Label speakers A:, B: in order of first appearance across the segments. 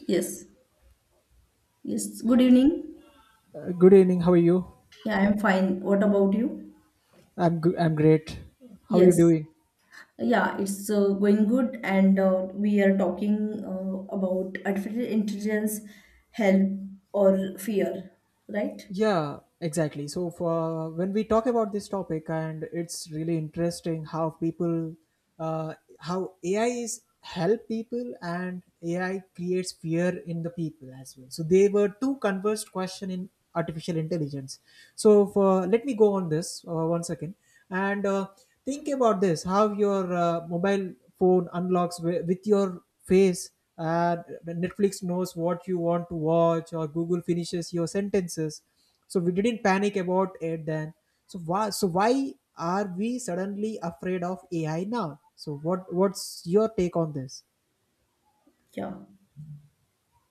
A: Yes, yes. Good evening.
B: Good evening. How are you?
A: Yeah, I'm fine. What about you?
B: I'm good. I'm great. How are you
A: Yes.
B: doing?
A: Yeah, it's going good, and we are talking about artificial intelligence, help or fear, right?
B: Yeah, exactly. So for when we talk about this topic, and it's really interesting how people, uh, how AI is help people and AI creates fear in the people as well. So they were two conversed question in artificial intelligence. So for let me go on this one second and think about this: how your mobile phone unlocks with your face, and Netflix knows what you want to watch, or Google finishes your sentences. So we didn't panic about it then, so why, so why are we suddenly afraid of AI now? So what's your take on this?
A: Yeah.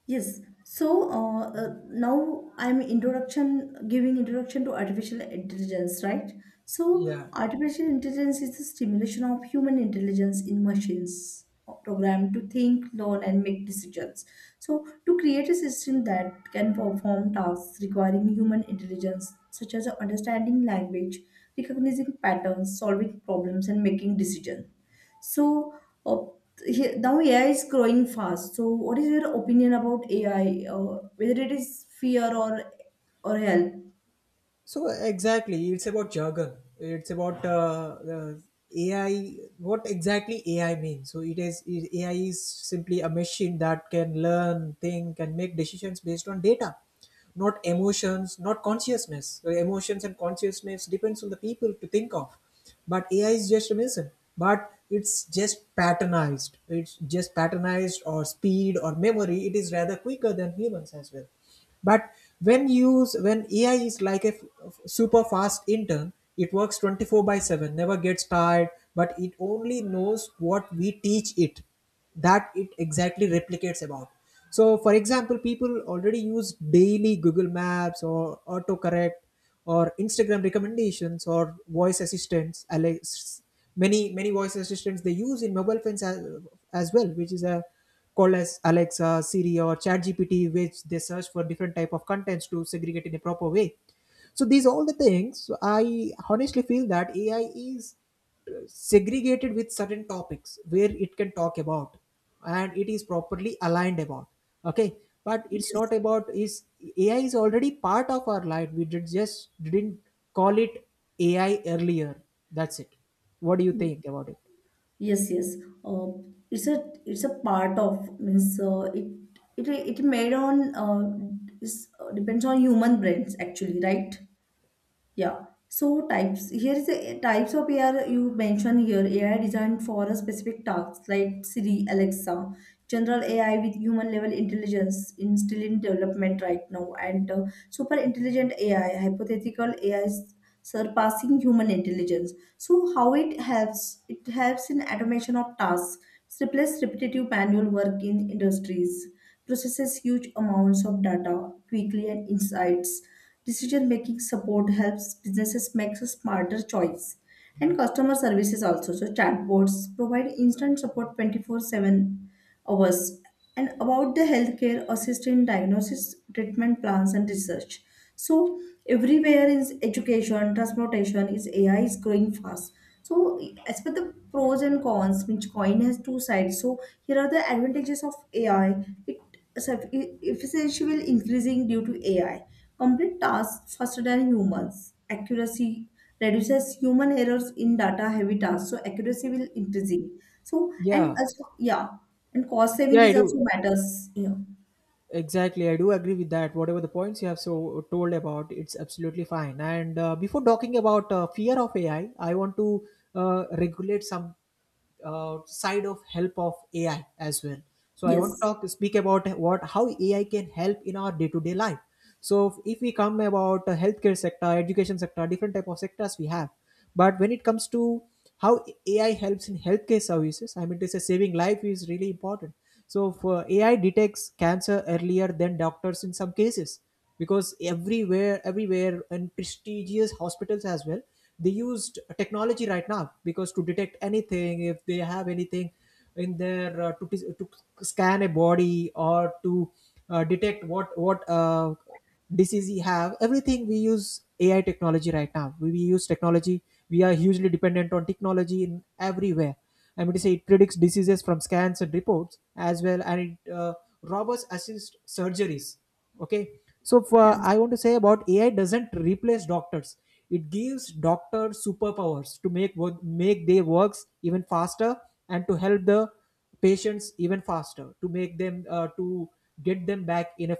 A: Yes. So now I'm introduction giving introduction to artificial intelligence, right? So
B: Yeah.
A: artificial intelligence is the stimulation of human intelligence in machines programmed to think, learn, and make decisions. So to create a system that can perform tasks requiring human intelligence, such as understanding language, recognizing patterns, solving problems, and making decisions. So uh, now AI is growing fast. So what is your opinion about AI, whether it is fear or help?
B: So exactly, it's about jargon. It's about the AI. What exactly AI means? So AI is simply a machine that can learn, think, and make decisions based on data, not emotions, not consciousness. So emotions and consciousness depends on the people to think of, but AI is just a machine. But it's just patternized. It's just patternized or speed or memory. It is rather quicker than humans as well, but when AI is like a super fast intern, it works 24 by 7, never gets tired, but it only knows what we teach it. That it exactly replicates about. So for example, people already use daily Google Maps or autocorrect or Instagram recommendations or voice assistants. Alex, many voice assistants they use in mobile phones as well, which is a called as Alexa, Siri, or ChatGPT, which they search for different type of contents to segregate in a proper way. So these all the things, so I honestly feel that AI is segregated with certain topics where it can talk about, and it is properly aligned about. Okay, but it's not
A: Yes,
B: about is. AI is already part of our life, we did just didn't call it AI earlier. That's it. What do you think about it?
A: yes, yes. Uh, it's a part of means it made on is depends on human brains actually, right? Yeah. So types here is a types of AI you mentioned here. AI designed for a specific task like Siri, Alexa, general AI with human level intelligence in still in development right now, and super intelligent AI, hypothetical AI surpassing human intelligence. So how it helps? It helps in automation of tasks, replace repetitive manual work in industries, processes huge amounts of data quickly and insights. Decision making support helps businesses make smarter choice. And customer services also. So chatbots provide instant support 24/7 hours. And about the healthcare assistant diagnosis, treatment plans and research. So everywhere in education, transportation is AI is growing fast. So as per the pros and cons, which coin has two sides. So here are the advantages of AI. It Efficiency will increasing due to AI. Complete tasks faster than humans. Accuracy reduces human errors in data heavy tasks, so accuracy will increasing. So and
B: Yeah,
A: also yeah, and cost saving
B: yeah, i
A: is also
B: do
A: matters. Yeah.
B: Exactly, I do agree with that. Whatever the points you have so told about, it's absolutely fine. And before talking about fear of AI, I want to regulate some side of help of AI as well. So I want to
A: Yes.
B: talk speak about what how AI can help in our day to day life. So if we come about healthcare sector, education sector, different type of sectors we have, but when it comes to how AI helps in healthcare services. I mean, to say saving life is really important. So, for AI detects cancer earlier than doctors in some cases, because everywhere, and prestigious hospitals as well, they used technology right now because to detect anything, if they have anything in their to scan a body or to detect what disease we have, everything we use AI technology right now. We use technology, we are hugely dependent on technology in everywhere. I mean to say it predicts diseases from scans and reports as well, and it robots assist surgeries. Okay, so for
A: Yes.
B: I want to say about AI doesn't replace doctors, it gives doctors superpowers to make their works even faster and to help the patients even faster to make them to get them back in a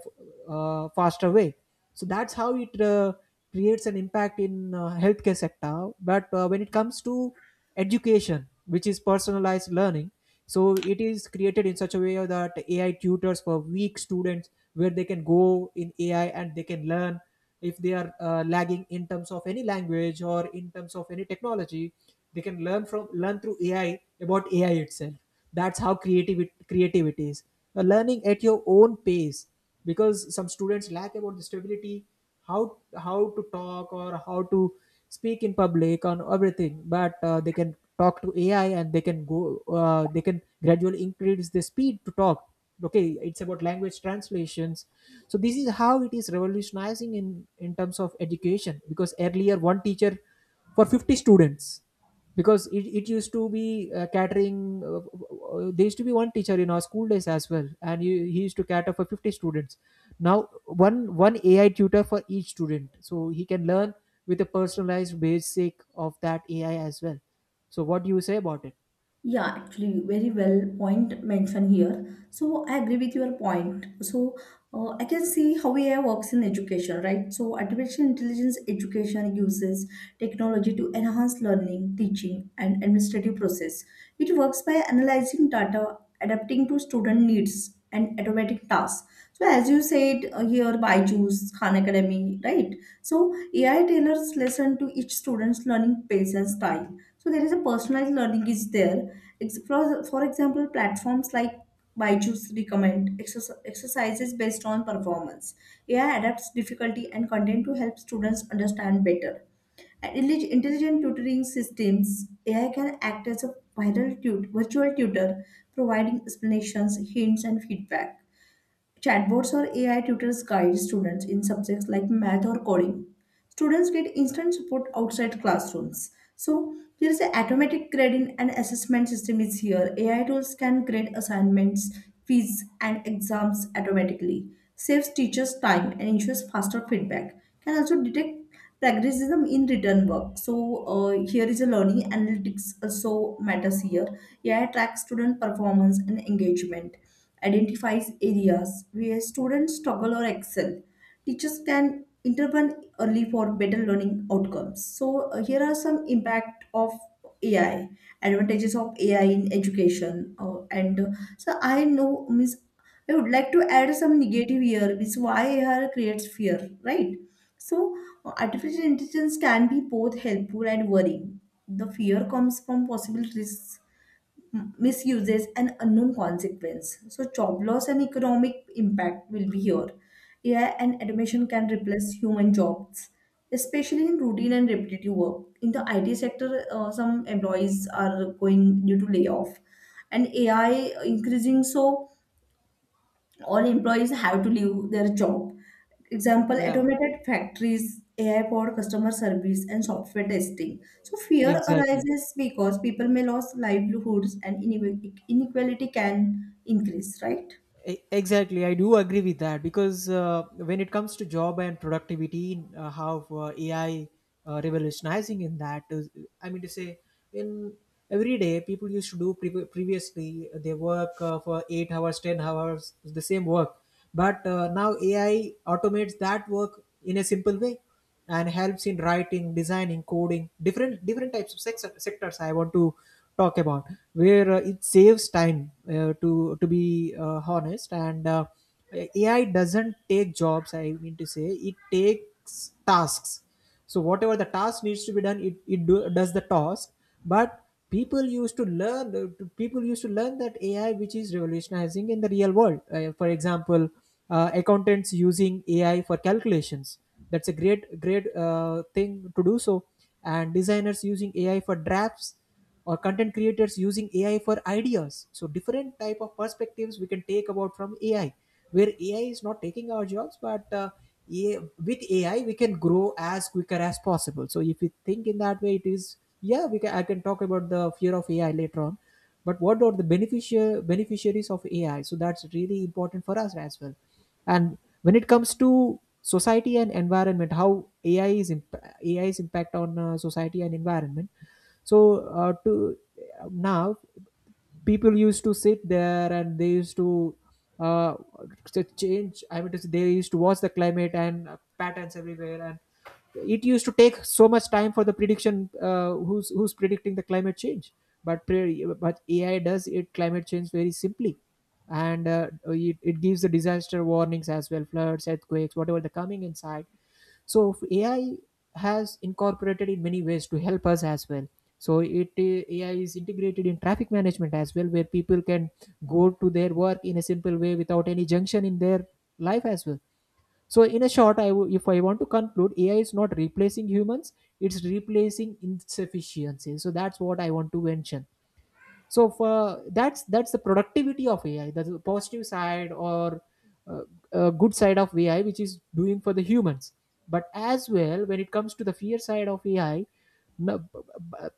B: faster way. So that's how it creates an impact in healthcare sector. But when it comes to education, which is personalized learning. So it is created in such a way that AI tutors for weak students where they can go in AI and they can learn. If they are lagging in terms of any language or in terms of any technology, they can learn through AI about AI itself. That's how creativity creative it is. Learning at your own pace, because some students lack about the stability how to talk or how to speak in public on everything, but they can talk to AI and they can go, they can gradually increase the speed to talk. Okay, it's about language translations. So this is how it is revolutionizing in terms of education, because earlier one teacher for 50 students, because it used to be catering, there used to be one teacher in our school days as well, and he used to cater for 50 students. Now one AI tutor for each student, so he can learn with a personalized basic of that AI as well. So what do you say about it?
A: Yeah, actually, very well point mentioned here. So I agree with your point. So I can see how AI works in education, right? So artificial intelligence education uses technology to enhance learning, teaching, and administrative process. It works by analyzing data adapting to student needs and automatic tasks. So as you said here, Byju's, Khan Academy, right? So AI tailors lesson to each student's learning pace and style. So there is a personalized learning is there. For example, platforms like Byju's recommend exercises based on performance. AI adapts difficulty and content to help students understand better. And Intelligent tutoring systems, AI can act as a virtual tutor, providing explanations, hints, and feedback. Chatbots or AI tutors guide students in subjects like math or coding, students get instant support outside classrooms. So there is the automatic grading and assessment system is here. AI tools can grade assignments, quiz, and exams automatically. Saves teachers time and ensures faster feedback. Can also detect plagiarism in written work. So here is a learning analytics also matters here. AI tracks student performance and engagement. Identifies areas where students struggle or excel. Teachers can intervene early for better learning outcomes. So here are some impact of AI, advantages of AI in education, and so I know means I would like to add some negative here, which why AI creates fear, right? So artificial intelligence can be both helpful and worrying. The fear comes from possible risks, misuses and unknown consequence. So job loss and economic impact will be here. AI and automation can replace human jobs, especially in routine and repetitive work. In the IT sector, some employees are going due to layoff, and AI increasing, so all employees have to leave their job. Example,
B: Yeah,
A: automated factories, AI for customer service, and software testing. So fear
B: exactly.
A: arises because people may lose livelihoods and inequality can increase, right?
B: Exactly, I do agree with that, because when it comes to job and productivity, how AI revolutionizing in that is, I mean to say, in every day people used to do previously they work for 8 hours, 10 hours, the same work, but now AI automates that work in a simple way, and helps in writing, designing, coding, different types of sectors I want to talk about, where it saves time, to be honest. And AI doesn't take jobs, I mean to say it takes tasks. So whatever the task needs to be done, it does the task. But people used to learn that AI which is revolutionizing in the real world. For example, accountants using AI for calculations, that's a great thing to do. So and designers using AI for drafts, or content creators using AI for ideas. So different type of perspectives we can take about from AI, where AI is not taking our jobs, but A- with AI we can grow as quicker as possible. So if we think in that way, it is, yeah, we can I can talk about the fear of AI later on, but what are the beneficiaries of AI, so that's really important for us as well. And when it comes to society and environment, how AI is imp- A is impact on society and environment. So to now people used to sit there, and they used uh, to change I mean to say they used to watch the climate and patterns everywhere, and it used to take so much time for the prediction who's predicting the climate change. But AI does it climate change very simply. And it gives the disaster warnings as well, floods, earthquakes, whatever the coming inside. So AI has incorporated in many ways to help us as well. So it AI is integrated in traffic management as well, where people can go to their work in a simple way without any junction in their life as well. So, in a short, if I want to conclude, AI is not replacing humans; it's replacing insufficiency. So that's what I want to mention. So for that's the productivity of AI, that's the positive side, or uh, good side of AI, which is doing for the humans. But as well, when it comes to the fear side of AI, no, b-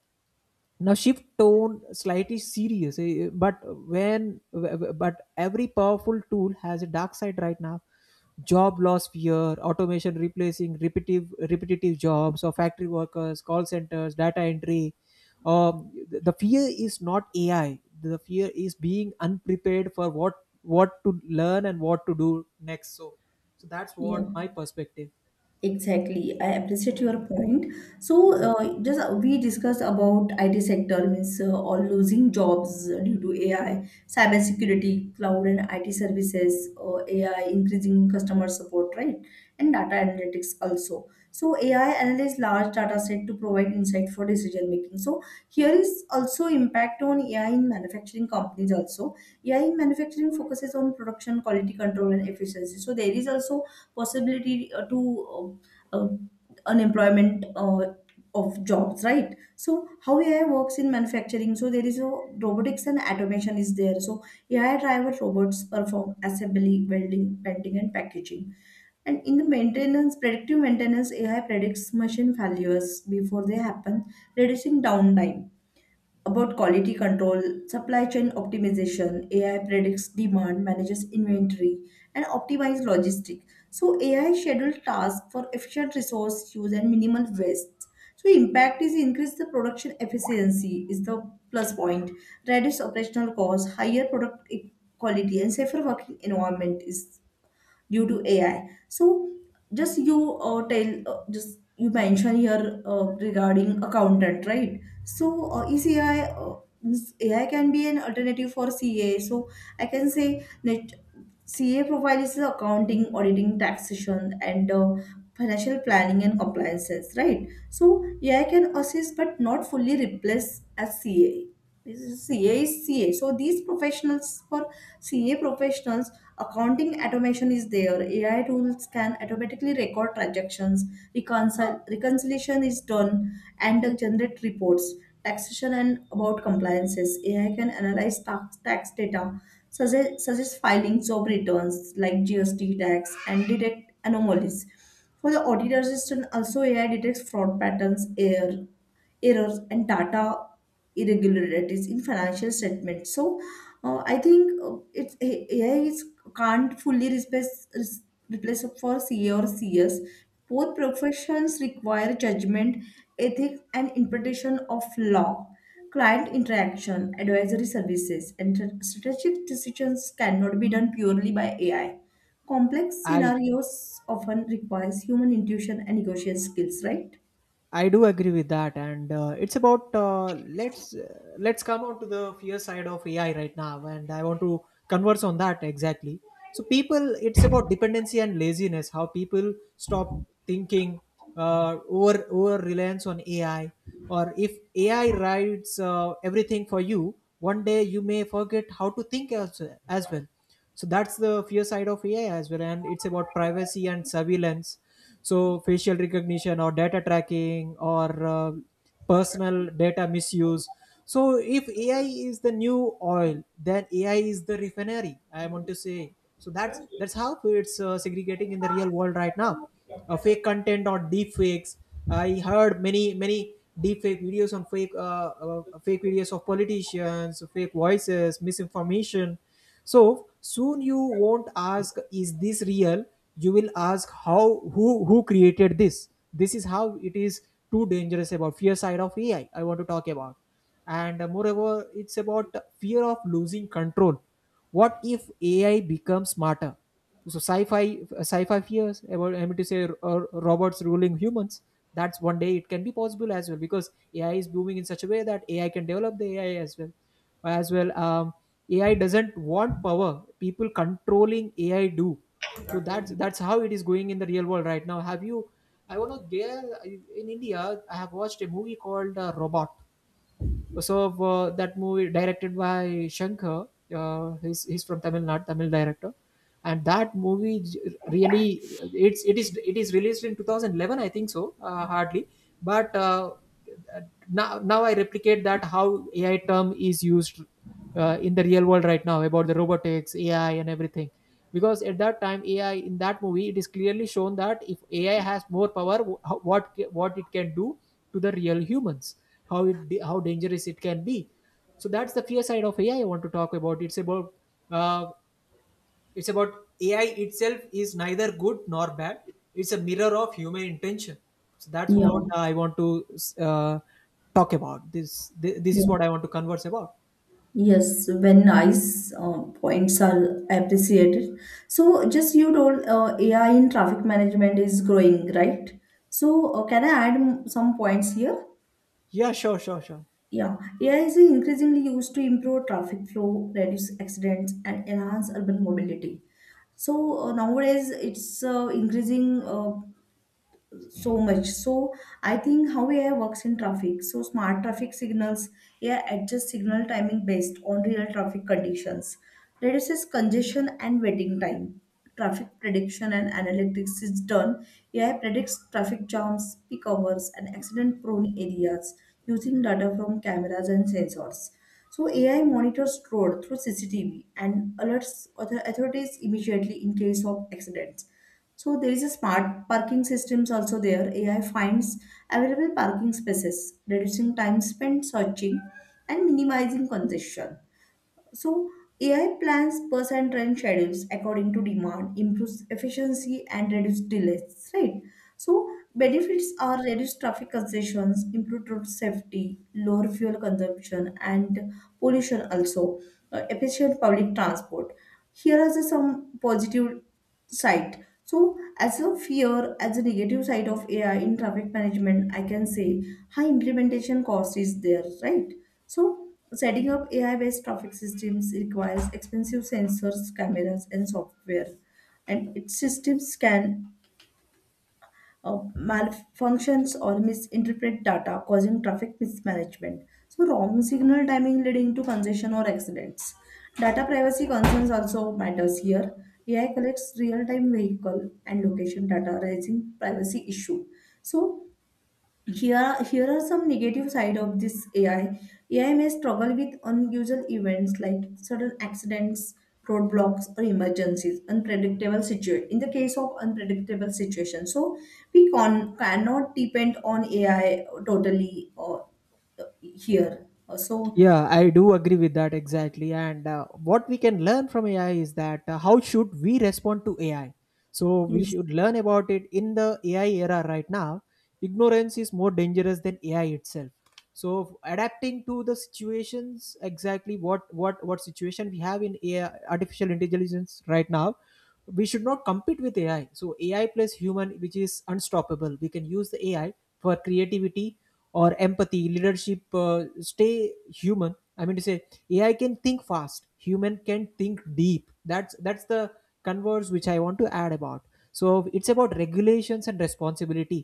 B: now shift tone slightly serious, eh, but when, but every powerful tool has a dark side right now. Job loss fear, automation replacing repetitive jobs, or factory workers, call centers, data entry. The fear is not AI, the fear is being unprepared for what, to learn and what to do next. So that's
A: Yeah.
B: what my perspective.
A: Exactly, I appreciate your point. So, just we discussed about IT sector means all losing jobs due to AI, cybersecurity, cloud and IT services, AI increasing customer support, right? And data analytics also. So, AI analyze large data set to provide insight for decision making. So, here is also impact on AI in manufacturing companies also. AI in manufacturing focuses on production, quality control, and efficiency. So, there is also possibility to um, um, unemployment of jobs, right? So how AI works in manufacturing. So there is a robotics and automation is there. So AI driver robots perform assembly, welding, painting and packaging, and in the maintenance, predictive maintenance AI predicts machine failures before they happen, reducing downtime. About quality control, supply chain optimization, AI predicts demand, manages inventory, and optimizes logistics. So AI schedule tasks for efficient resource use and minimal waste. So impact is increase the production efficiency is the plus point, reduce operational costs, higher quality, and safer working environment is due to AI. So just you mention here regarding accountant, right? So ECI means AI can be an alternative for CA. So I can say that CA profile is the accounting, auditing, taxation, and financial planning and compliances, right? So AI can assist but not fully replace as CA. This is CA is CA. So these professionals for CA professionals, accounting automation is there. AI tools can automatically record transactions, reconcile reconciliation is done, and generate reports. Taxation and about compliances. AI can analyze tax data such as filing job returns like GST tax and detect anomalies. For the auditor system, also AI detects fraud patterns, errors and data irregularities in financial statements. So I think it's AI is can't fully replace replace for CA or CS. Both professions require judgment, ethics, and interpretation of law. Client interaction, advisory services, and strategic decisions cannot be done purely by AI. Complex
B: i
A: scenarios often requires human intuition and negotiation skills, right?
B: I do agree with that, and it's about let's come on to the fear side of AI right now, and I want to converse on that exactly. So people, it's about dependency and laziness. How people stop thinking, over reliance on AI, or if AI writes everything for you, one day you may forget how to think as well. So that's the fear side of AI as well. And it's about privacy and surveillance. So facial recognition or data tracking or personal data misuse. So if AI is the new oil, then AI is the refinery, I want to say. So that's how it's segregating in the real world right now. Fake content or deep fakes. I heard many deep fake videos on fake fake videos of politicians, fake voices, misinformation. So soon you won't ask, is this real? You will ask how, who created this. This is how it is, too dangerous. About fear side of AI I want to talk about. And moreover, it's about fear of losing control. What if AI becomes smarter? So sci-fi fears about, I mean to say, robots ruling humans. That's, one day it can be possible as well, because AI is booming in such a way that AI can develop the AI as well. AI doesn't want power. People controlling AI do. So that's how it is going in the real world right now. Have you I want to there. In India, I have watched a movie called Robot. So that movie directed by Shankar. He's from Tamil Nadu, Tamil director. And that movie, really it is released in 2011, I think so, hardly. But now I replicate that how AI term is used in the real world right now, about the robotics, AI, and everything. Because at that time, AI, in that movie it is clearly shown that if AI has more power, what it can do to the real humans, how dangerous it can be. So that's the fear side of AI I want to talk about. It's about uh, it's about AI itself is neither good nor bad. It's a mirror of human intention. So that's
A: Yeah,
B: what I want to uh, talk about this. This is
A: yeah.
B: what I want to converse about.
A: Yes, when nice points are appreciated. So, just you told AI in traffic management is growing, right? So, can I add some points here?
B: Yeah, sure, sure, sure.
A: Yeah, AI is increasingly used to improve traffic flow, reduce accidents, and enhance urban mobility. So nowadays, it's increasing. So much so I think how AI works in traffic. So smart traffic signals, AI adjusts signal timing based on real traffic conditions, reduces congestion and waiting time. Traffic prediction and analytics is done. AI predicts traffic jams, peak hours and accident prone areas using data from cameras and sensors. So AI monitors road through CCTV and alerts other authorities immediately in case of accidents. So there is a smart parking systems also there. AI finds available parking spaces, reducing time spent searching and minimizing congestion. So AI plans bus and train schedules according to demand, improves efficiency and reduce delays, right? So benefits are reduced traffic congestions, improved road safety, lower fuel consumption and pollution also, efficient public transport. Here are the some positive side. So as a fear, as a negative side of AI in traffic management, I can say high implementation cost is there, right? So, setting up AI based traffic systems requires expensive sensors, cameras, and software. And its systems can malfunctions or misinterpret data, causing traffic mismanagement. So, wrong signal timing leading to congestion or accidents. Data privacy concerns also matters here. AI collects real-time vehicle and location data, raising privacy issue. So, here here are some negative side of this AI. AI may struggle with unusual events like sudden accidents, roadblocks or emergencies, unpredictable situation. In the case of unpredictable situation, so we cannot depend on AI totally. Or here, so
B: Yeah, I do agree with that exactly. And what we can learn from AI is that how should we respond to AI? So we
A: yes.
B: should learn about it in the AI era right now. Ignorance is more dangerous than AI itself. So, adapting to the situations, exactly what situation we have in AI, artificial intelligence, right now. We should not compete with AI. So AI plus human, which is unstoppable. We can use the AI for creativity or empathy, leadership, stay human, I mean to say. AI can think fast, human can think deep. That's the converse which I want to add about. So it's about regulations and responsibility.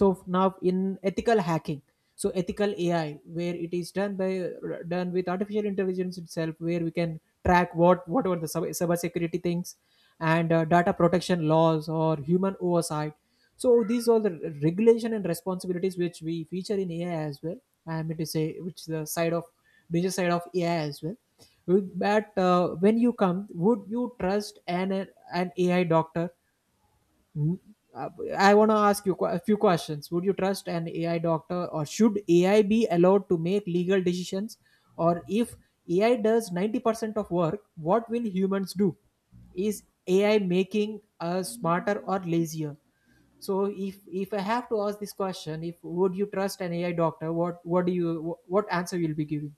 B: So now in ethical hacking, so ethical AI, where it is done by, done with artificial intelligence itself, where we can track what were the cyber security things and data protection laws or human oversight. So these are the regulation and responsibilities which we feature in AI as well, I mean to say, which is the side of business side of AI as well. Would- but When you come, would you trust an AI doctor? Mm. uh, I want to ask you a few questions. Would you trust an AI doctor, or should AI be allowed to make legal decisions? Or if AI does 90% of work, what will humans do? Is AI making us smarter or lazier? So, if I have to ask this question, if would you trust an AI doctor, what do you, what answer you'll be giving?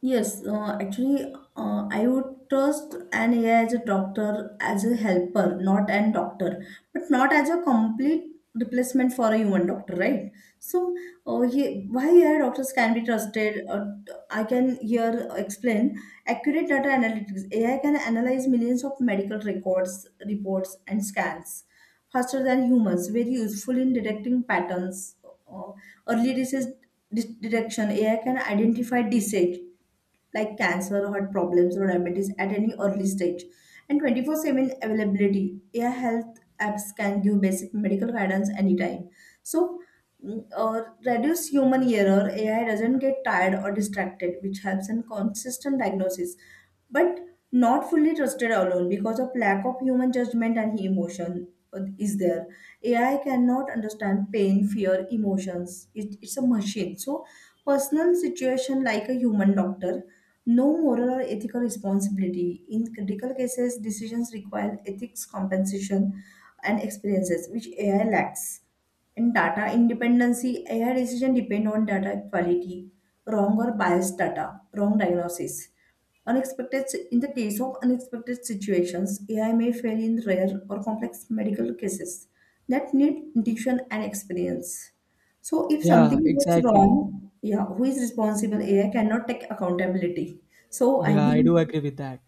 A: Yes, actually, I would trust an AI as a doctor, as a helper, not an doctor, but not as a complete replacement for a human doctor, right? So, why AI doctors can be trusted? I can here explain accurate data analytics. AI can analyze millions of medical records, reports, and scans faster than humans, very useful in detecting patterns. Uh, early disease detection, AI can identify disease like cancer, heart problems, or diabetes at any early stage. And 24/7 availability. AI health apps can give basic medical guidance anytime. So, reduce human error. AI doesn't get tired or distracted, which helps in consistent diagnosis, but not fully trusted alone because of lack of human judgment and emotion is there. AI cannot understand pain, fear, emotions. It's a machine, so personal situation like a human doctor, no moral or ethical responsibility in critical cases. Decisions require ethics, compensation, and experiences which AI lacks. And data independency, AI decision depend on data quality. Wrong or biased data, wrong diagnosis. Unexpected, in the case of unexpected situations, AI may fail in rare or complex medical cases that need intuition and experience. So, if
B: Yeah,
A: something goes
B: exactly.
A: wrong, yeah, who is responsible? AI cannot take accountability. So, I
B: Yeah, I
A: think,
B: do agree with that.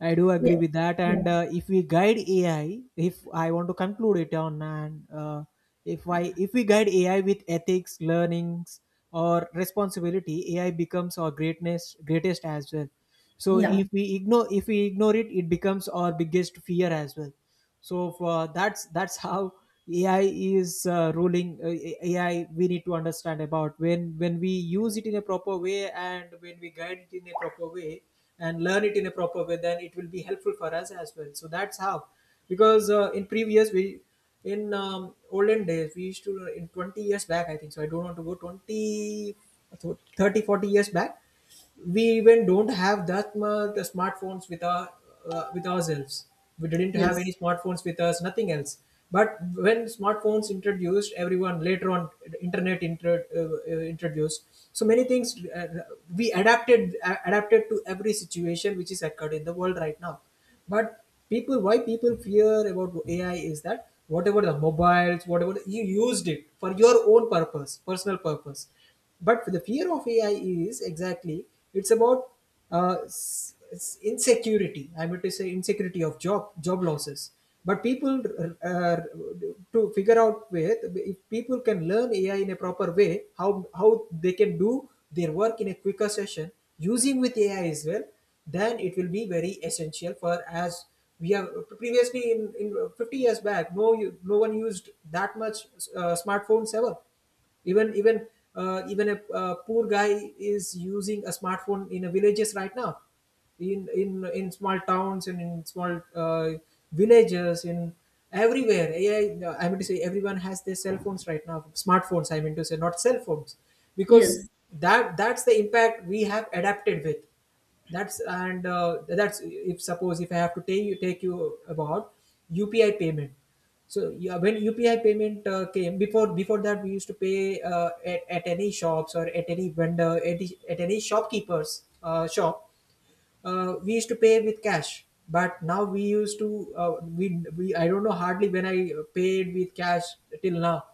B: I do
A: yeah,
B: agree with that.
A: yeah,
B: And if we guide AI, if I want to conclude it on, and if I, if we guide AI with ethics, learnings, or responsibility, AI becomes our greatness greatest as well. So,
A: yeah,
B: if we ignore it, it becomes our biggest fear as well. So for, that's how AI is ruling. AI, we need to understand about, when we use it in a proper way and when we guide it in a proper way and learn it in a proper way, then it will be helpful for us as well. So that's how. Because in previous we, in olden days, we used to, in 20 years back, I think so. I don't want to go 20, 30, 40 years back. We even don't have that much smartphones with our, with ourselves. We didn't have
A: yes,
B: any smartphones with us, nothing else. But when smartphones introduced everyone, later on internet introduced so many things. We adapted, adapted to every situation which is occurred in the world right now. But people, why people fear about AI is that, whatever the mobiles, whatever you used it for your own purpose, personal purpose. But the fear of AI is exactly, it's about uh, s- insecurity, I mean to say, insecurity of job, job losses. But people, uh, to figure out with, if people can learn AI in a proper way, how how they can do their work in a quicker session using with AI as well, then it will be very essential for, as we have previously in 50 years back, no, no one used that much smartphones ever. even even even a poor guy is using a smartphone in a villages right now, in small towns and in small villages, in everywhere. Ai I mean to say, everyone has their cell phones right now, smartphones I mean to say, not cell phones. Because
A: yes.
B: that's the impact we have adapted with. That's, and that's, if suppose if I have to take you about UPI payment. So yeah, when UPI payment came, before that, we used to pay at any shops, or at any vendor, at any shopkeepers shop. We used to pay with cash. But now we used to we I don't know, hardly when I paid with cash till now.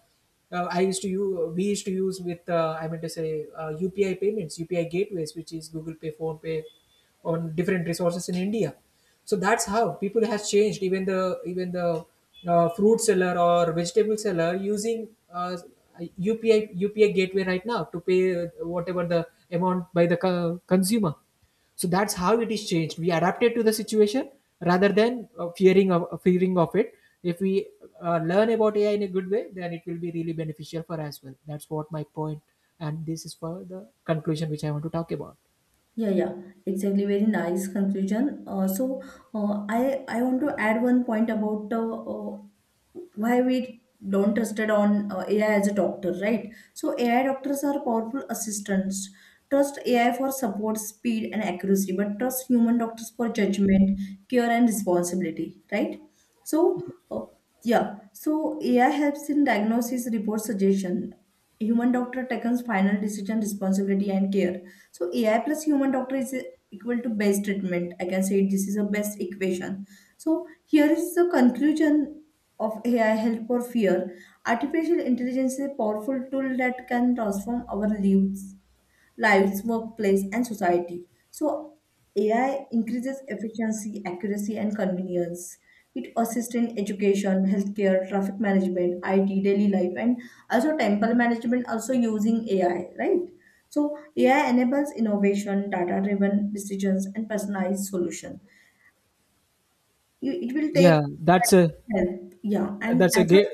B: I used to use, we used to use with, I mean to say, UPI payments, UPI gateways, which is Google Pay, Phone Pay, on different resources in India. So that's how people has changed. Even the fruit seller or vegetable seller using upi upi gateway right now to pay whatever the amount by the consumer. So that's how it is changed. We adapted to the situation rather than fearing of it. If we learn about AI in a good way, then it will be really beneficial for us as well. That's what my point, and this is for the conclusion which I want to talk about.
A: Yeah, yeah, exactly. Very nice conclusion. So I want to add one point about why we don't trusted on AI as a doctor, right? So AI doctors are powerful assistants. Trust AI for support, speed, and accuracy, but trust human doctors for judgment, care, and responsibility, right? So uh, yeah, so AI helps in diagnosis, report, suggestion. Human doctor takes final decision, responsibility, and care, so AI plus human doctor is equal to best treatment. I can say this is a best equation. So here is the conclusion of AI help or fear. Artificial intelligence is a powerful tool that can transform our lives, workplace, and society. So, AI increases efficiency, accuracy, and convenience. It assists in education, healthcare, traffic management, IT, daily life, and also temple management, also using AI, right? So, AI enables innovation, data driven decisions, and personalized solution. It will take
B: Yeah, that's a,
A: help. Yeah. And
B: that's a
A: as of,
B: great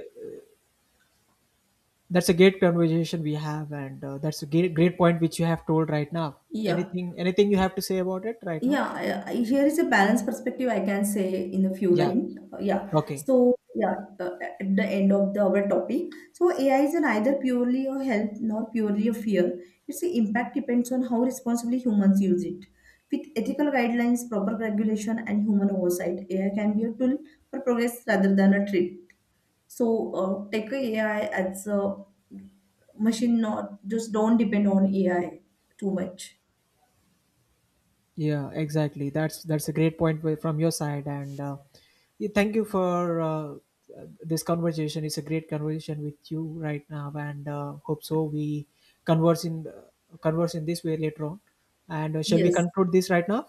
B: that's a great conversation we have, and that's a great point which you have told right now.
A: yeah.
B: Anything you have to say about it right now?
A: Yeah, here is a balanced perspective I can say in a few
B: Yeah.
A: lines. Yeah.
B: Okay.
A: So, yeah, uh, at the end of our topic. So, AI is neither purely a help nor purely a fear. Its impact depends on how responsibly humans use it. With ethical guidelines, proper regulation, and human oversight, AI can be a tool for progress rather than a threat. So, take a AI as a machine, not just don't depend on AI too much.
B: Yeah, exactly. That's a great point, from your side, and yeah, thank you for this conversation. It's a great conversation with you right now, and hope so we converse in converse in this way later on. And shall we
A: Yes.
B: conclude this right now?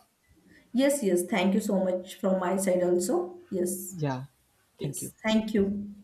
A: Yes, yes. Thank you so much from my side also. Yes,
B: Yeah, thank
A: yes.
B: you.
A: Thank you.